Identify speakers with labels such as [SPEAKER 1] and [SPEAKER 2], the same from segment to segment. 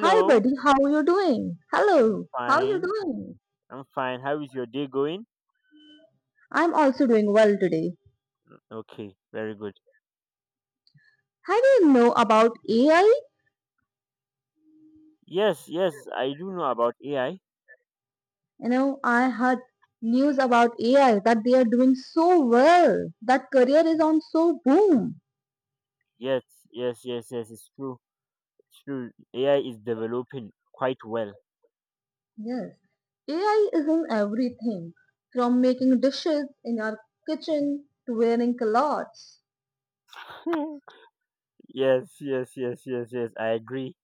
[SPEAKER 1] Hi, buddy. How are you doing?
[SPEAKER 2] I'm
[SPEAKER 1] Hello. How are you
[SPEAKER 2] fine.
[SPEAKER 1] doing?
[SPEAKER 2] How is your day going?
[SPEAKER 1] I'm also doing well today.
[SPEAKER 2] Okay, very good.
[SPEAKER 1] How do you know about AI?
[SPEAKER 2] Yes, yes, I do know about AI.
[SPEAKER 1] You know, I heard news about AI that they are doing so well. That career is on so boom.
[SPEAKER 2] Yes, yes, yes, yes, it's true. AI is developing quite well.
[SPEAKER 1] Yes. AI is in everything from making dishes in our kitchen to wearing clothes.
[SPEAKER 2] Yes, yes, yes, yes, yes, I agree.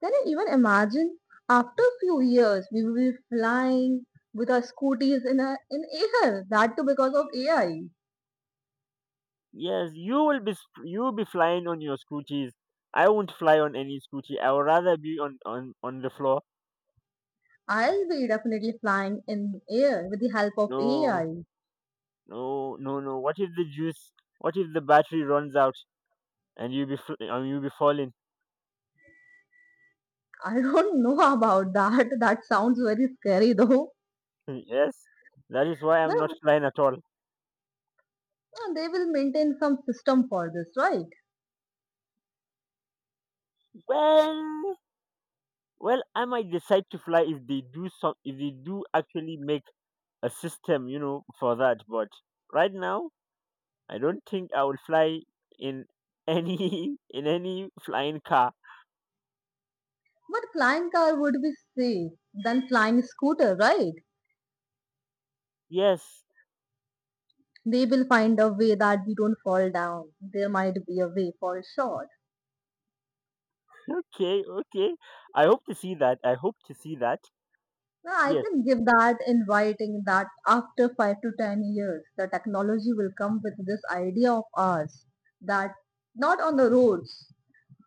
[SPEAKER 1] Can you even imagine? After a few years, we will be flying with our scooties in air. That too because of AI.
[SPEAKER 2] Yes, you will be flying on your scooters. I won't fly on any scooty. I would rather be on the floor.
[SPEAKER 1] I'll be definitely flying in air with the help of AI.
[SPEAKER 2] No,
[SPEAKER 1] I
[SPEAKER 2] no, no, no. What if the juice? What if the battery runs out and and you be falling?
[SPEAKER 1] I don't know about that. That sounds very scary though.
[SPEAKER 2] Yes, that is why I'm not
[SPEAKER 1] No,
[SPEAKER 2] flying at all.
[SPEAKER 1] no, they will maintain some system for this, right?
[SPEAKER 2] Well, well, I might decide to fly if if they do actually make a system, you know, for that. But right now, I don't think I will fly in any in any flying car.
[SPEAKER 1] But flying car would be safe than flying scooter, right?
[SPEAKER 2] Yes.
[SPEAKER 1] They will find a way that we don't fall down. There might be a way for sure.
[SPEAKER 2] Okay. Okay. I hope to see that.
[SPEAKER 1] No, I
[SPEAKER 2] Yes.
[SPEAKER 1] can give that in writing that after 5 to 10 years, the technology will come with this idea of ours that not on the roads.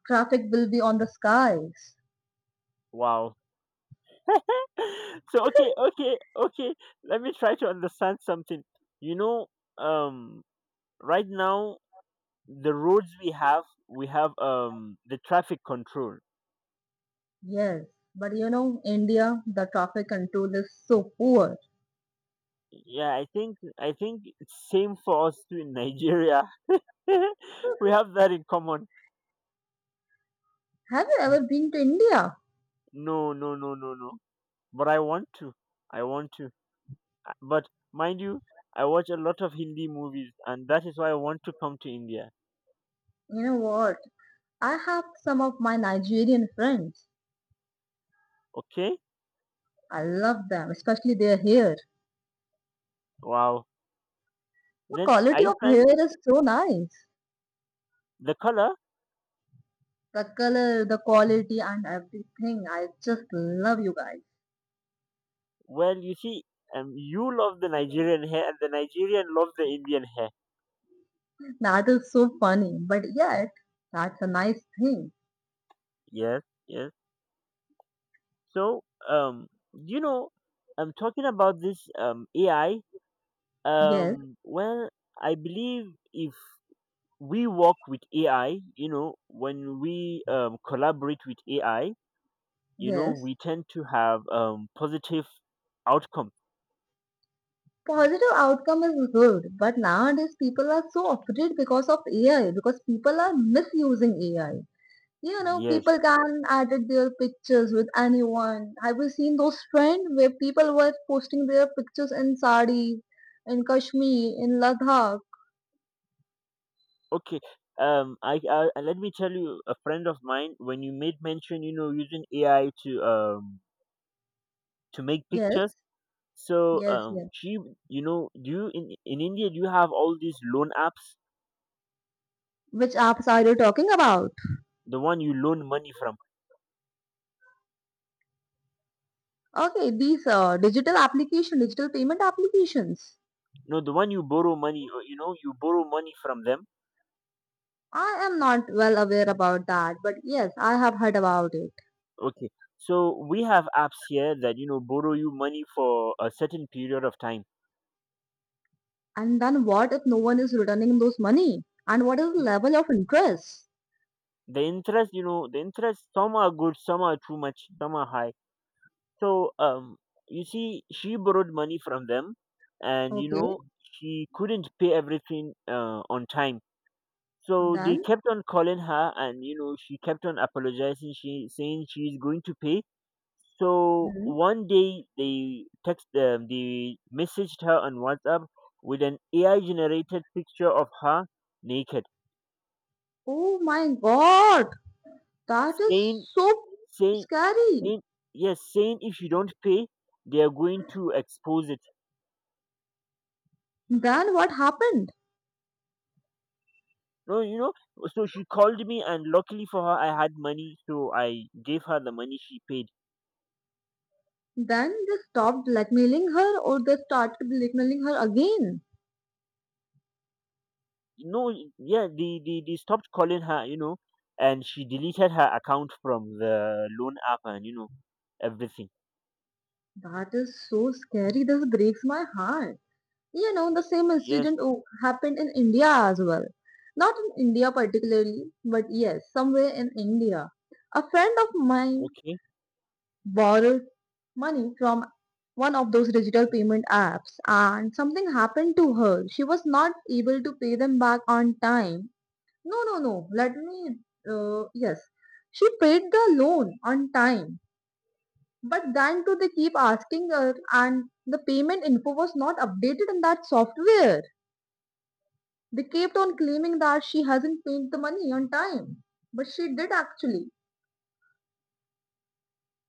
[SPEAKER 1] Traffic will be on the skies.
[SPEAKER 2] Wow. So okay. Okay. Okay. Let me try to understand something. You know, um, right now the roads we have the traffic control.
[SPEAKER 1] Yes, but you know, India, the traffic control is so poor.
[SPEAKER 2] Yeah, I think it's same for us too in Nigeria. We have that in common.
[SPEAKER 1] Have you ever been to India?
[SPEAKER 2] No, no, no, no, no, but I want to. But mind you, I watch a lot of Hindi movies and that is why I want to come to India.
[SPEAKER 1] You know what? I have some of my Nigerian friends.
[SPEAKER 2] Okay.
[SPEAKER 1] I love them, especially their hair.
[SPEAKER 2] Wow.
[SPEAKER 1] The
[SPEAKER 2] Then are
[SPEAKER 1] quality
[SPEAKER 2] you
[SPEAKER 1] of
[SPEAKER 2] planning?
[SPEAKER 1] hair is so nice.
[SPEAKER 2] The color?
[SPEAKER 1] The color, the quality, and everything. I just love you guys.
[SPEAKER 2] Well, you see, you love the Nigerian hair and the Nigerian love the Indian hair.
[SPEAKER 1] That is so funny, but yet, that's a nice thing.
[SPEAKER 2] Yes. Yes. So, um, you know, I'm talking about this AI.
[SPEAKER 1] Yes,
[SPEAKER 2] Um, well, I believe if we work with AI, when we collaborate with AI,
[SPEAKER 1] yes.
[SPEAKER 2] we tend to have positive outcome.
[SPEAKER 1] Positive outcome is good, but nowadays people are so afraid because of AI, because people are misusing AI. You know,
[SPEAKER 2] Yes.
[SPEAKER 1] people can edit their pictures with anyone. Have you seen those trend where people were posting their pictures in sari, in Kashmir, in Ladakh?
[SPEAKER 2] Okay. I and let me tell you, a friend of mine, when you made mention, using AI to make
[SPEAKER 1] Yes,
[SPEAKER 2] pictures. So
[SPEAKER 1] yes, yes.
[SPEAKER 2] do you in India do you have all these loan apps?
[SPEAKER 1] Which apps are you talking about?
[SPEAKER 2] The one you loan money from.
[SPEAKER 1] Okay, these digital application, digital payment applications.
[SPEAKER 2] No, the one you borrow money you borrow money from them.
[SPEAKER 1] I am not well aware about that, but yes, I have heard about it.
[SPEAKER 2] Okay. So we have apps here that borrow you money for a certain period of time.
[SPEAKER 1] And then what if no one is returning those money? And what is the level of interest?
[SPEAKER 2] The interest, some are good, some are too much, some are high. So you see she borrowed money from them and
[SPEAKER 1] Okay,
[SPEAKER 2] she couldn't pay everything on time. So they
[SPEAKER 1] then.
[SPEAKER 2] kept on calling her and she kept on apologizing, she saying she's going to pay. So
[SPEAKER 1] Mhm.
[SPEAKER 2] one day they messaged her on WhatsApp with an AI generated picture of her naked,
[SPEAKER 1] Oh my God, that is
[SPEAKER 2] saying
[SPEAKER 1] so
[SPEAKER 2] saying
[SPEAKER 1] scary.
[SPEAKER 2] saying yes, saying if you don't pay, they are going to expose it.
[SPEAKER 1] Then what happened?
[SPEAKER 2] No, you know. So she called me, and luckily for her, I had money, so I gave her the money she paid.
[SPEAKER 1] Then they stopped blackmailing her or they started blackmailing her again.
[SPEAKER 2] No, yeah, they stopped calling her, and she deleted her account from the loan app and everything.
[SPEAKER 1] That is so scary. This breaks my heart. You know, the same
[SPEAKER 2] Yes.
[SPEAKER 1] incident happened in India as well. Not in India particularly, but yes, somewhere in India. A friend of mine
[SPEAKER 2] Okay.
[SPEAKER 1] borrowed money from one of those digital payment apps and something happened to her. She was not able to pay them back on time. No, no, no. Yes. She paid the loan on time. But then too they keep asking her and the payment info was not updated in that software. They kept on claiming that she hasn't paid the money on time. But she did actually.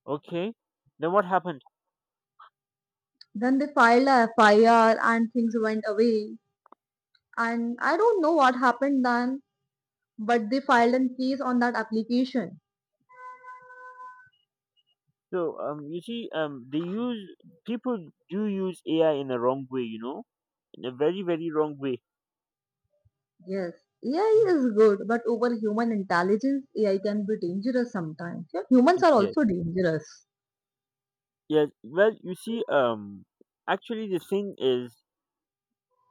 [SPEAKER 2] Okay. Then what happened?
[SPEAKER 1] Then they filed a FIR and things went away. And I don't know what happened then, but they filed a case on that application.
[SPEAKER 2] So you see, they use people do use AI in a wrong way, you know, in a very very wrong way.
[SPEAKER 1] Yes, AI is good, but over human intelligence, AI can be dangerous sometimes. Yeah, humans are
[SPEAKER 2] Yes.
[SPEAKER 1] also dangerous.
[SPEAKER 2] Yes. Well, you see, actually the thing is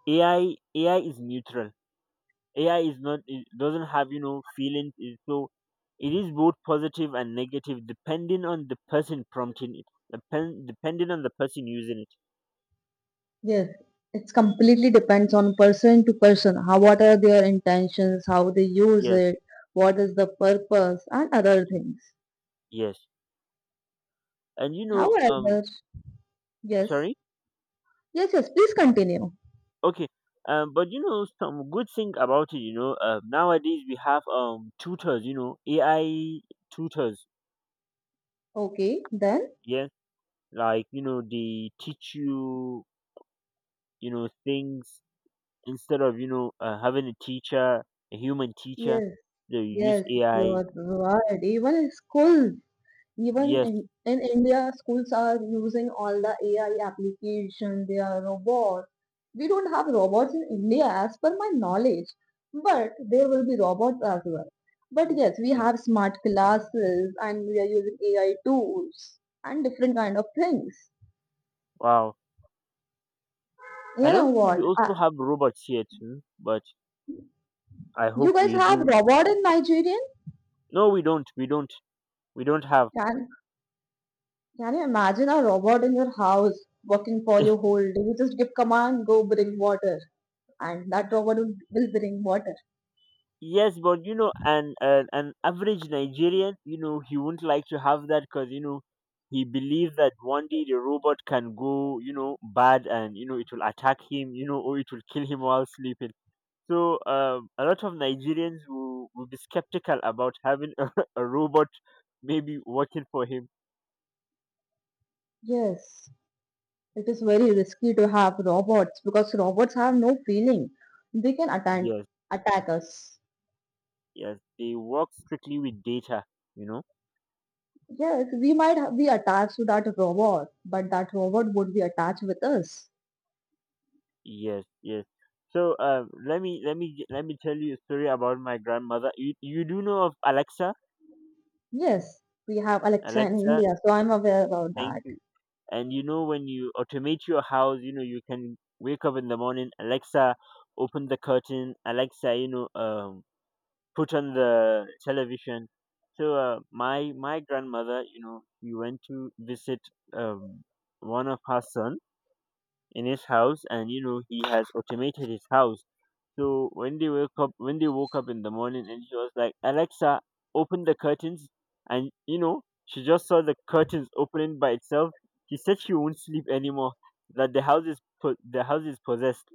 [SPEAKER 2] AI is neutral. AI is not, it doesn't have feelings. So it is both positive and negative depending on the person prompting it. Depending on the person using it.
[SPEAKER 1] Yes, it's completely depends on person to person. How what are their intentions, how they use
[SPEAKER 2] Yes.
[SPEAKER 1] it, what is the purpose, and other things.
[SPEAKER 2] Yes. And you know, um,
[SPEAKER 1] However, yes,
[SPEAKER 2] sorry.
[SPEAKER 1] yes, yes. Please continue.
[SPEAKER 2] Okay. But some good thing about it, nowadays we have tutors, AI tutors.
[SPEAKER 1] Okay, then
[SPEAKER 2] Yeah, like, they teach you you know things, instead of having a human teacher,
[SPEAKER 1] yes.
[SPEAKER 2] they use
[SPEAKER 1] Yes, you
[SPEAKER 2] AI.
[SPEAKER 1] are right. Even schools, even
[SPEAKER 2] Yes.
[SPEAKER 1] in India, schools are using all the AI application, they are robots. We don't have robots in India as per my knowledge, but there will be robots as well. But yes, we
[SPEAKER 2] ex-
[SPEAKER 1] have smart classes and we are using AI tools and different kind of things.
[SPEAKER 2] wow. I
[SPEAKER 1] You know
[SPEAKER 2] don't think we
[SPEAKER 1] what?
[SPEAKER 2] also have robots here too, but I
[SPEAKER 1] You
[SPEAKER 2] hope
[SPEAKER 1] guys
[SPEAKER 2] we
[SPEAKER 1] have
[SPEAKER 2] do.
[SPEAKER 1] robot in Nigerian?
[SPEAKER 2] No, we don't have.
[SPEAKER 1] Can you imagine a robot in your house working for you whole day? You just give command, go bring water, and that robot will bring water.
[SPEAKER 2] Yes, but an average Nigerian, he wouldn't like to have that because he believes that one day the robot can go, bad, and it will attack him, or it will kill him while sleeping. So a lot of Nigerians will be skeptical about having a robot maybe working for him.
[SPEAKER 1] Yes, it is very risky to have robots because robots have no feeling. They can attack
[SPEAKER 2] Yes,
[SPEAKER 1] attack us.
[SPEAKER 2] yes, they work strictly with data, you know.
[SPEAKER 1] Yes, we might be attached to that robot, but that robot would be attached with us.
[SPEAKER 2] Yes, yes. So let me tell you a story about my grandmother. You do know of Alexa?
[SPEAKER 1] Yes, we have Alexa in
[SPEAKER 2] Alexa,
[SPEAKER 1] India, so I'm aware about
[SPEAKER 2] thank
[SPEAKER 1] that.
[SPEAKER 2] you. And when you automate your house, you can wake up in the morning. Alexa, open the curtain. Alexa, put on the television. So my grandmother, she went to visit um, one of her son in his house, and he has automated his house. So when they woke up in the morning, and she was like, "Alexa, open the curtains," and she just saw the curtains opening by itself. She said she won't sleep anymore. That the house is possessed.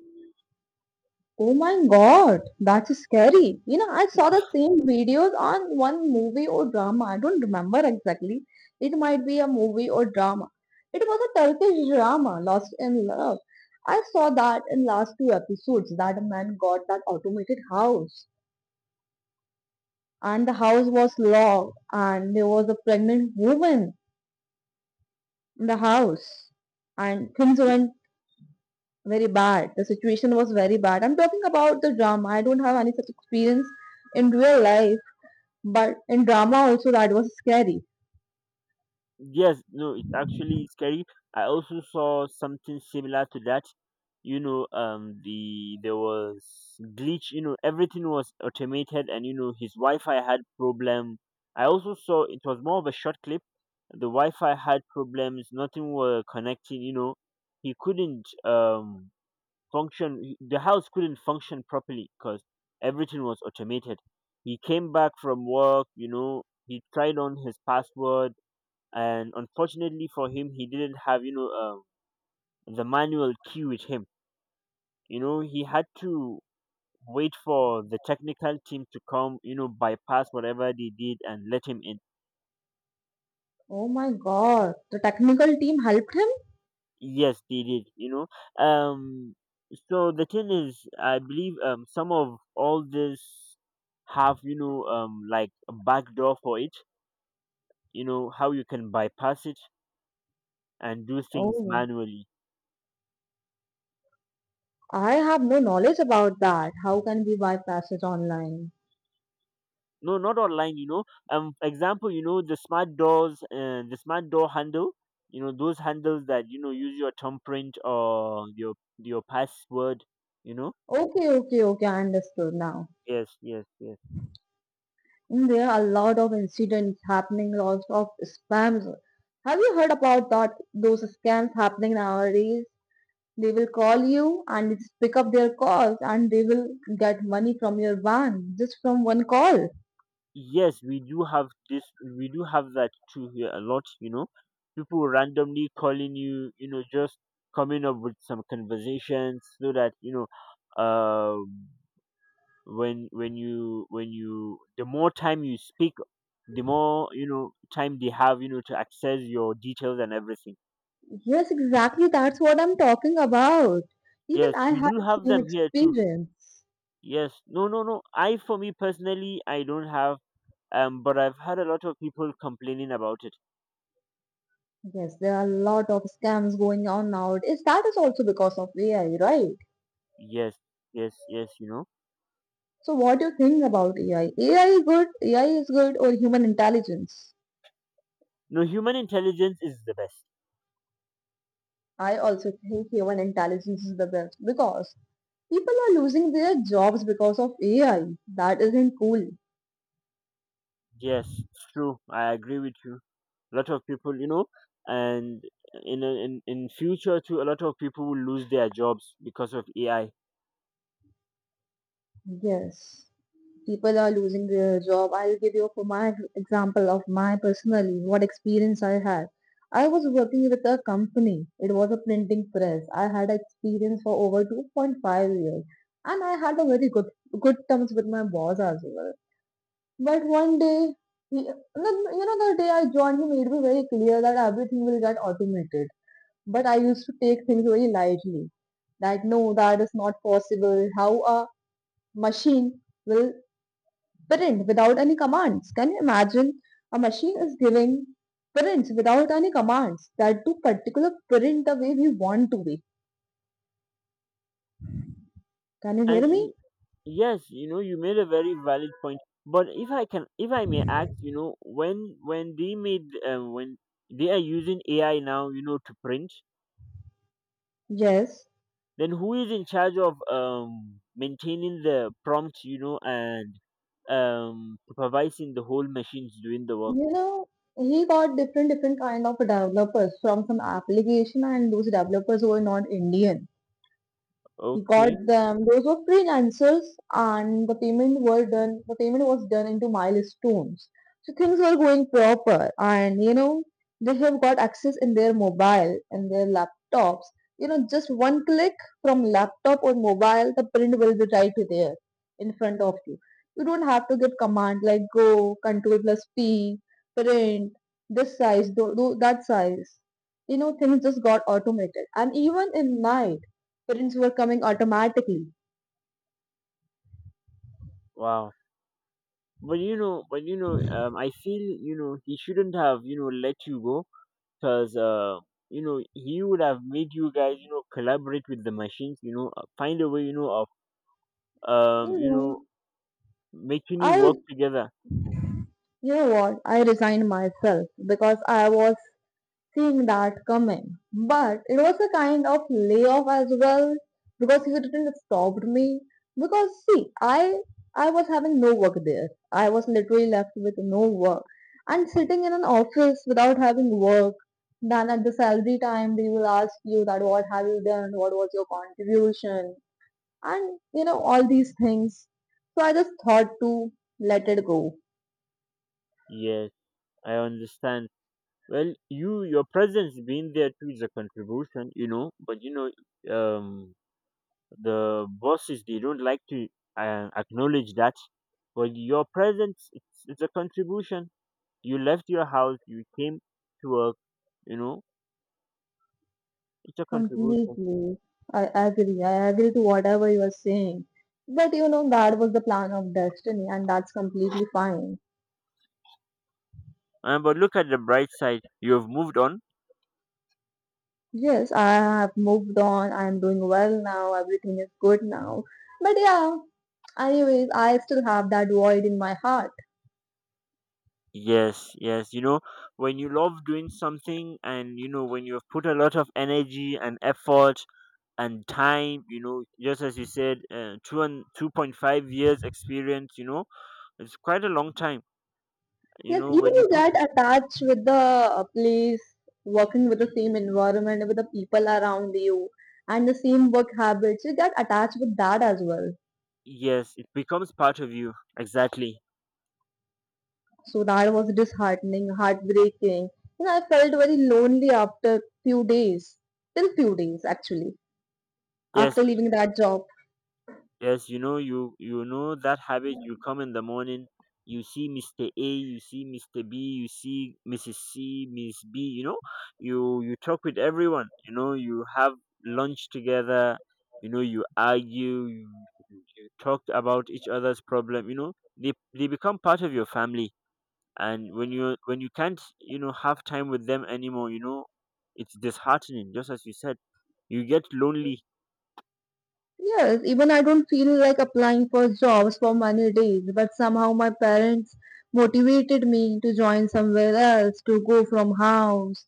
[SPEAKER 1] Oh my god, that's scary. You know, I saw the same videos on one movie or drama. I don't remember exactly. It might be a movie or drama. It was a Turkish drama, Lost in Love. I saw that in last two episodes that a man got that automated house and the house was locked and there was a pregnant woman in the house and things went very bad. The situation was very bad. I'm talking about the drama. I don't have any such experience in real life. But in drama also that was scary.
[SPEAKER 2] Yes, no, it's actually scary. I also saw something similar to that. There was glitch. Everything was automated, and his Wi-Fi had problem. I also saw it was more of a short clip. The Wi-Fi had problems. Nothing were connecting. He couldn't function. The house couldn't function properly because everything was automated. He came back from work. He tried on his password, and unfortunately for him he didn't have the manual key with him. He had to wait for the technical team to come, bypass whatever they did and let him in.
[SPEAKER 1] Oh my god, the technical team helped him?
[SPEAKER 2] Yes, they did, so the thing is, I believe some of all this have, like a back door for it, you know how you can bypass it and do things
[SPEAKER 1] Oh,
[SPEAKER 2] manually.
[SPEAKER 1] I have no knowledge about that. How can we bypass it online?
[SPEAKER 2] No, not online, example, the smart doors, the smart door handle, those handles that use your thumbprint or your password, you know.
[SPEAKER 1] Okay, okay, okay, I understood now.
[SPEAKER 2] Yes, yes, yes.
[SPEAKER 1] Mm, there are a lot of incidents happening, lots of spams. Have you heard about that? Those scams happening nowadays. They will call you and just pick up their calls, and they will get money from your bank just from one call.
[SPEAKER 2] Yes, we do have this, we do have that too here a lot, you know. People randomly calling you, you know just coming up with some conversations, so that um when you the more time you speak, the more time they have, to access your details and everything.
[SPEAKER 1] Yes, exactly. That's what I'm talking about. Even
[SPEAKER 2] Yes,
[SPEAKER 1] I
[SPEAKER 2] we
[SPEAKER 1] had
[SPEAKER 2] do
[SPEAKER 1] the
[SPEAKER 2] have
[SPEAKER 1] same
[SPEAKER 2] them here too.
[SPEAKER 1] experience.
[SPEAKER 2] Yes, no, no, no, I, for me personally, I don't have, but I've had a lot of people complaining about it.
[SPEAKER 1] Yes, there are a lot of scams going on nowadays. That is also because of AI, right?
[SPEAKER 2] Yes. Yes, yes, you know.
[SPEAKER 1] So what do you think about AI? AI is good, AI is good, or human intelligence?
[SPEAKER 2] No, human intelligence is the best.
[SPEAKER 1] I also think human intelligence is the best because people are losing their jobs because of AI. That isn't cool.
[SPEAKER 2] Yes, it's true, I agree with you. A lot of people, and in future too a lot of people will lose their jobs because of AI.
[SPEAKER 1] Yes, people are losing their job. I'll give you for my example of my personally what experience I had. I was working with a company. It was a printing press. I had experience for over 2.5 years and I had a very good terms with my boss as well. But one day, he, you know, the day I joined, he made me very clear that everything will get automated but I used to take things very lightly. That no, that is not possible. How a machine will print without any commands. Can you imagine? A machine is giving prints without any commands that do particular print the way we want to be. Can you
[SPEAKER 2] And
[SPEAKER 1] hear me?
[SPEAKER 2] y- yes, you made a very valid point. But if I can, if I may ask, when they made when they are using AI now, to print,
[SPEAKER 1] Yes.
[SPEAKER 2] then who is in charge of maintaining the prompt, and supervising the whole machines doing the work?
[SPEAKER 1] You know, he got different kind of developers from some application and those developers were not Indian. Got
[SPEAKER 2] Okay,
[SPEAKER 1] them. Those were freelancers, and the payment were done. The payment was done into milestones, so things were going proper. And you know, they have got access in their mobile and their laptops. You know, just one click from laptop or mobile, the print will be right to there in front of you. You don't have to give command like go, control plus P, print this size, do that size. You know, things just got automated. And even in night parents were coming automatically.
[SPEAKER 2] wow. But I feel he shouldn't have, let you go, because he would have made you guys, collaborate with the machines, find a way, of um
[SPEAKER 1] You
[SPEAKER 2] you
[SPEAKER 1] know,
[SPEAKER 2] know making you work
[SPEAKER 1] I,
[SPEAKER 2] together.
[SPEAKER 1] you know what, I resigned myself because I was seeing that coming. But it was a kind of layoff as well because he didn't stop me. Because see, I was having no work there. I was literally left with no work. And sitting in an office without having work, then at the salary time they will ask you that what have you done, what was your contribution, and you know all these things, so I just thought to let it go
[SPEAKER 2] Yes, I understand. Well, you, your presence being there too is a contribution, but um the bosses, they don't like to acknowledge that, but your presence, it's a contribution. You left your house, you came to work, you know it's a contribution.
[SPEAKER 1] completely. I agree, I agree to whatever you are saying, but you know that was the plan of destiny and that's completely fine.
[SPEAKER 2] But look at the bright side. You have moved on.
[SPEAKER 1] Yes, I have moved on, I'm doing well now, everything is good now. But yeah, anyways I still have that void in my heart.
[SPEAKER 2] Yes, yes. When you love doing something, and when you have put a lot of energy and effort and time, just as you said, two and 2.5 years experience, it's quite a long time.
[SPEAKER 1] Yes, even
[SPEAKER 2] When you
[SPEAKER 1] you
[SPEAKER 2] put,
[SPEAKER 1] get attached with the place, working with the same environment, with the people around you, and the same work habits. You get attached with that as well.
[SPEAKER 2] yes, it becomes part of you. Exactly.
[SPEAKER 1] So that was disheartening, heartbreaking. You know, I felt very lonely after few days, till few days actually,
[SPEAKER 2] Yes.
[SPEAKER 1] after leaving that job.
[SPEAKER 2] Yes, you know that habit. You come in the morning, you see Mister A, you see Mister B, you see Mrs. C, Miss B. You you talk with everyone. You have lunch together. You argue. You, you talk about each other's problem. They become part of your family. And when you can't have time with them anymore, it's disheartening. Just as you said, you get lonely.
[SPEAKER 1] Yes, even I don't feel like applying for jobs for many days, but somehow my parents motivated me to join somewhere else, to go from house.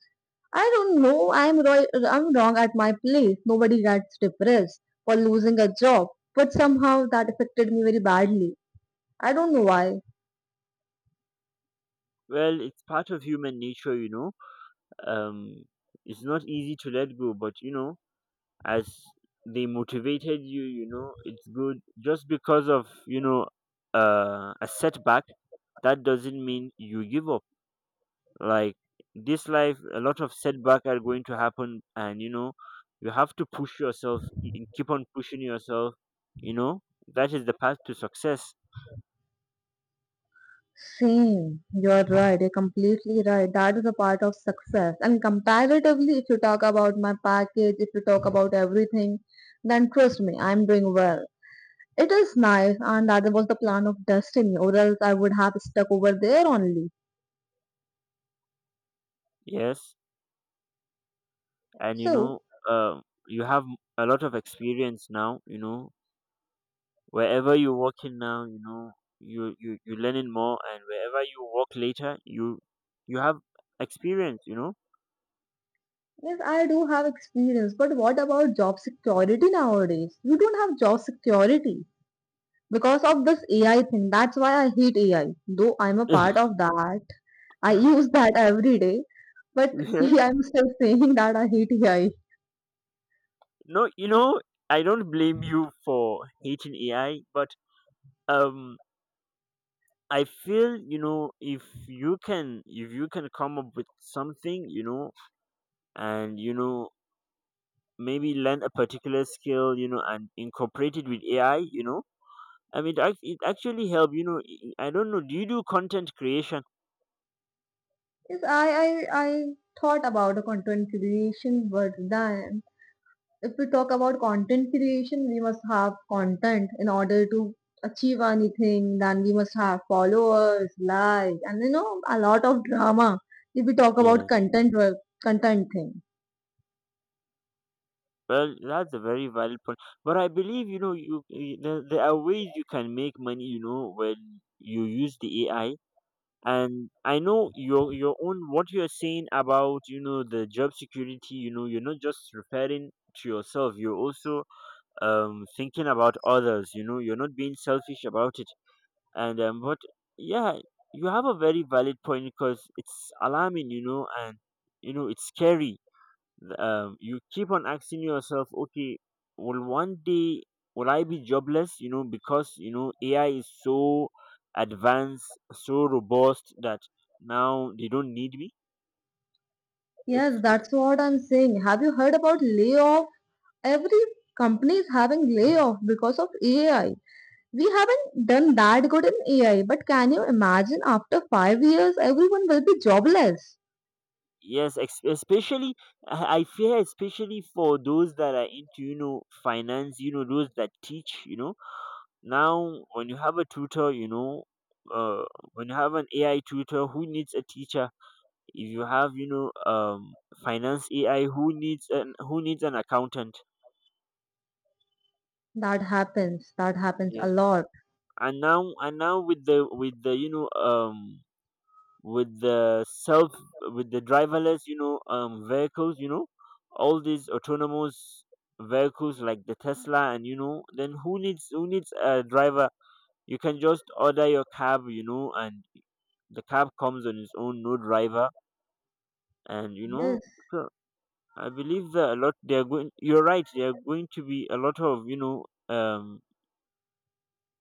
[SPEAKER 1] I don't know. I'm I'm wrong at my place. Nobody gets depressed for losing a job, but somehow that affected me very badly. I don't know why.
[SPEAKER 2] Well, it's part of human nature. Um it's not easy to let go, but as they motivated you, you know it's good. Just because of a setback, that doesn't mean you give up. Like, this life, a lot of setback are going to happen, and you have to push yourself and keep on pushing yourself. you know that is the path to success.
[SPEAKER 1] Same. You're right. You're completely right. That is a part of success. And comparatively, if you talk about my package, if you talk about everything, then trust me, I'm doing well. It is nice, and that was the plan of destiny, or else I would have stuck over there only.
[SPEAKER 2] Yes. and you
[SPEAKER 1] So,
[SPEAKER 2] know uh, you have a lot of experience now. Wherever you work in now, you're learning more, and wherever you work later you have experience.
[SPEAKER 1] yes, I do have experience, but what about job security nowadays? You don't have job security because of this AI thing. That's why I hate AI. Though I'm a part of that, I use that every day. But see,
[SPEAKER 2] Yes.
[SPEAKER 1] I'm still saying that I hate AI.
[SPEAKER 2] No, I don't blame you for hating AI, but um I feel, if you can come up with something, and maybe learn a particular skill, and incorporate it with AI. I mean it, it actually help. I don't know, do you do content creation?
[SPEAKER 1] Yes, I thought about a content creation, but then if we talk about content creation, we must have content in order to achieve anything. Then we must have followers, likes, and you know, a lot of drama. If we talk about
[SPEAKER 2] Yeah.
[SPEAKER 1] content work, content thing.
[SPEAKER 2] Well, that's a very valid point. But I believe, you, there are ways you can make money, when you use the AI. And I know your own what you're saying about the job security. You're not just referring to yourself, you're also thinking about others. You're not being selfish about it. And but yeah, you have a very valid point because it's alarming, and it's scary. You keep on asking yourself, okay, will one day, will I be jobless? Because AI is so advanced, so robust that now they don't need me.
[SPEAKER 1] Yes,
[SPEAKER 2] It's,
[SPEAKER 1] that's what I'm saying. Have you heard about layoff? Every company is having layoff because of AI. We haven't done that good in AI, but can you imagine after 5 years, everyone will be jobless?
[SPEAKER 2] yes, especially I fear, especially for those that are into finance, those that teach. Now when you have a tutor. Uh, when you have an AI tutor, who needs a teacher? If you have finance AI, who needs an accountant?
[SPEAKER 1] That happens. That happens a
[SPEAKER 2] Yes.
[SPEAKER 1] lot.
[SPEAKER 2] And now, with the you know with the self with the driverless vehicles, all these autonomous vehicles like the Tesla, and you know then who needs a driver? You can just order your cab, and the cab comes on its own, no driver and you
[SPEAKER 1] Yes.
[SPEAKER 2] know So I believe that a lot they're going you're right, there are going to be a lot of, you know, um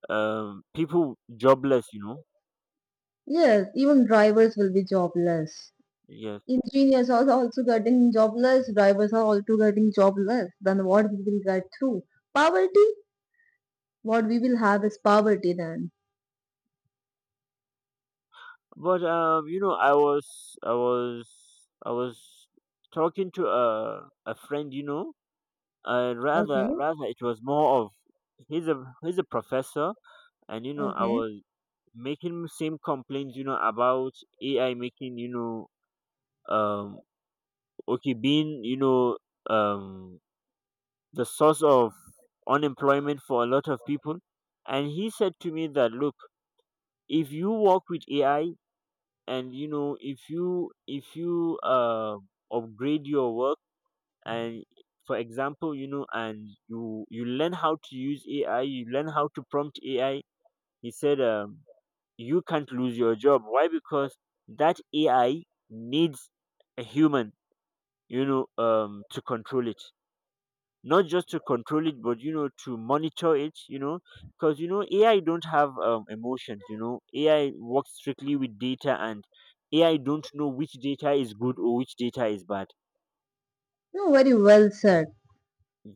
[SPEAKER 2] um people jobless.
[SPEAKER 1] Yes, even drivers will be jobless.
[SPEAKER 2] Yes.
[SPEAKER 1] Engineers are also getting jobless. Drivers are also getting jobless. Then what we will get through? Poverty? What we will have is poverty then.
[SPEAKER 2] But I was talking to a friend. Uh rather
[SPEAKER 1] Okay,
[SPEAKER 2] rather it was more of, he's a professor, and I
[SPEAKER 1] okay.
[SPEAKER 2] was making him same complaints, about AI making, um okay, being, um the source of unemployment for a lot of people. And he said to me that, look, if you work with AI, and if you upgrade your work. And for example, you know and you learn how to use AI, you learn how to prompt AI. He said, you can't lose your job. Why? Because that AI needs a human, to control it, not just to control it, but to monitor it. Because AI don't have emotions. AI works strictly with data, and AI don't know which data is good or which data is bad.
[SPEAKER 1] No, very well said.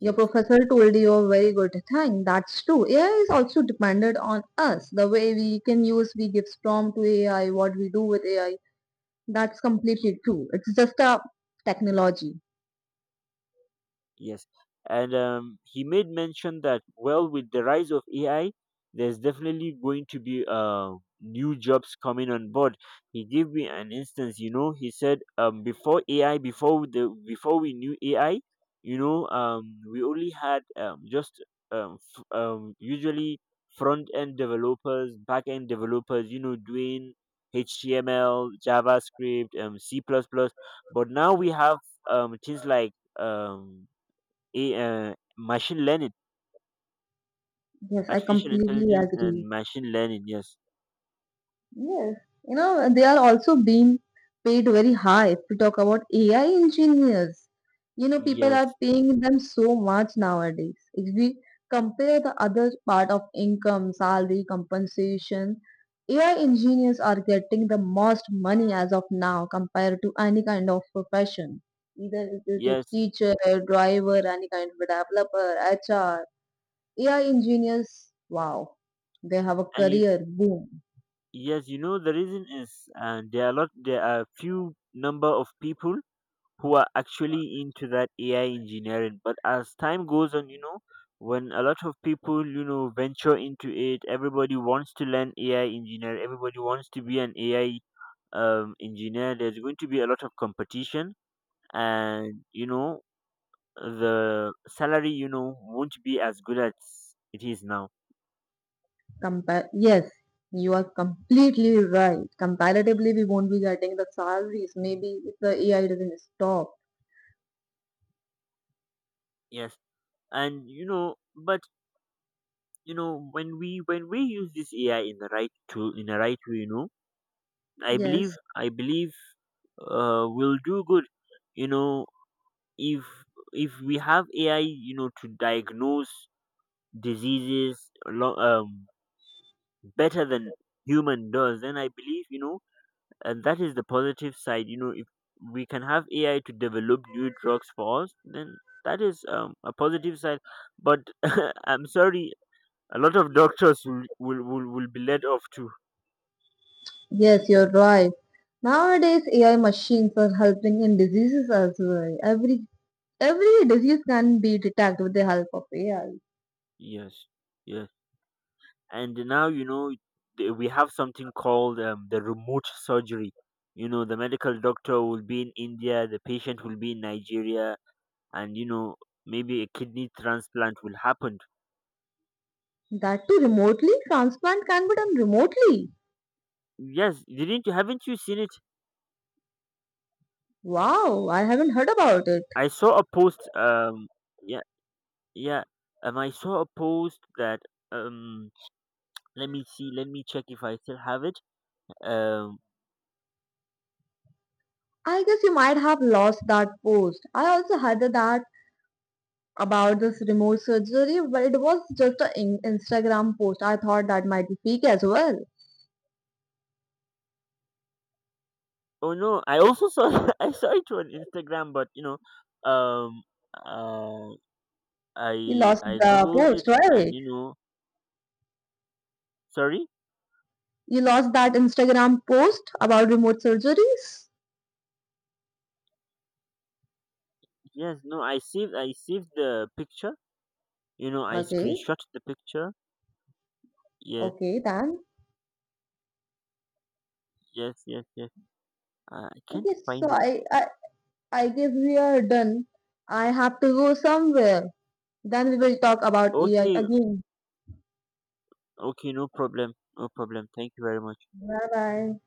[SPEAKER 1] Your professor told you a very good thing. That's true. AI is also dependent on us. The way we can use, we give prompt to AI, what we do with AI. That's completely true. It's just a technology.
[SPEAKER 2] Yes, and he made mention that, well, with the rise of AI, there's definitely going to be new jobs coming on board. He gave me an instance. He said, before AI, before we knew AI, we only had just usually front end developers, back end developers. Doing HTML, JavaScript, C++. Plus plus, but now we have things like um a machine learning,
[SPEAKER 1] Yes, I
[SPEAKER 2] artificial
[SPEAKER 1] completely
[SPEAKER 2] intelligence
[SPEAKER 1] agree.
[SPEAKER 2] and machine learning. Yes,
[SPEAKER 1] Yes, you know, they are also being paid very high. If we talk about AI engineers, you know, people are
[SPEAKER 2] yes,
[SPEAKER 1] paying them so much nowadays. If we compare the other part of income, salary, compensation, AI engineers are getting the most money as of now compared to any kind of profession. Either it is
[SPEAKER 2] yes,
[SPEAKER 1] teacher, driver, any kind of developer, HR. AI engineers, wow, they have a
[SPEAKER 2] and you
[SPEAKER 1] career boom.
[SPEAKER 2] yes, you know the reason is, there are a lot. There are few number of people who are actually into that AI engineering. But as time goes on, when a lot of people venture into it, everybody wants to learn AI engineer. Everybody wants to be an AI engineer. There's going to be a lot of competition, and the salary won't be as good as it is now.
[SPEAKER 1] Yes, you are completely right. Comparatively, we won't be getting the salaries. Maybe if the AI doesn't stop.
[SPEAKER 2] Yes. And but when we use this AI in the right tool, in the right way, i
[SPEAKER 1] Yes,
[SPEAKER 2] believe i believe we'll do good you know if if we have AI to diagnose diseases better than human does, then I believe. And that is the positive side. If we can have AI to develop new drugs for us, then that is a positive side. But I'm sorry, a lot of doctors will be led off too.
[SPEAKER 1] yes, you're right. Nowadays, AI machines are helping in diseases as well. Every disease can be detected with the help of AI.
[SPEAKER 2] Yes. Yes. And now, we have something called the remote surgery. The medical doctor will be in India, the patient will be in Nigeria, and maybe a kidney transplant will happen.
[SPEAKER 1] That too remotely, transplant can be done remotely.
[SPEAKER 2] Yes, didn't you, haven't you seen it?
[SPEAKER 1] Wow, I haven't heard about it.
[SPEAKER 2] I saw a post. Yeah, yeah. I saw a post that. Um, Let me see. Let me check if I still have it. Um,
[SPEAKER 1] I guess you might have lost that post. I also heard that about this remote surgery, but it was just an Instagram post. I thought that might be fake as well.
[SPEAKER 2] oh no, I also saw. I saw it on Instagram, but um, uh,
[SPEAKER 1] You
[SPEAKER 2] I
[SPEAKER 1] lost
[SPEAKER 2] I
[SPEAKER 1] the
[SPEAKER 2] googled it,
[SPEAKER 1] post,
[SPEAKER 2] and
[SPEAKER 1] right?
[SPEAKER 2] you know, sorry.
[SPEAKER 1] You lost that Instagram post about remote surgeries?
[SPEAKER 2] Yes, no, I saved. I saved the picture. I
[SPEAKER 1] Okay,
[SPEAKER 2] screenshot the picture. Yes,
[SPEAKER 1] okay then.
[SPEAKER 2] yes, yes, yes. I can't
[SPEAKER 1] Okay, so
[SPEAKER 2] find it.
[SPEAKER 1] I guess we are done. I have to go somewhere. Then we will talk about AI
[SPEAKER 2] Okay,
[SPEAKER 1] again.
[SPEAKER 2] okay, no problem, no problem. Thank you very much.
[SPEAKER 1] Bye bye.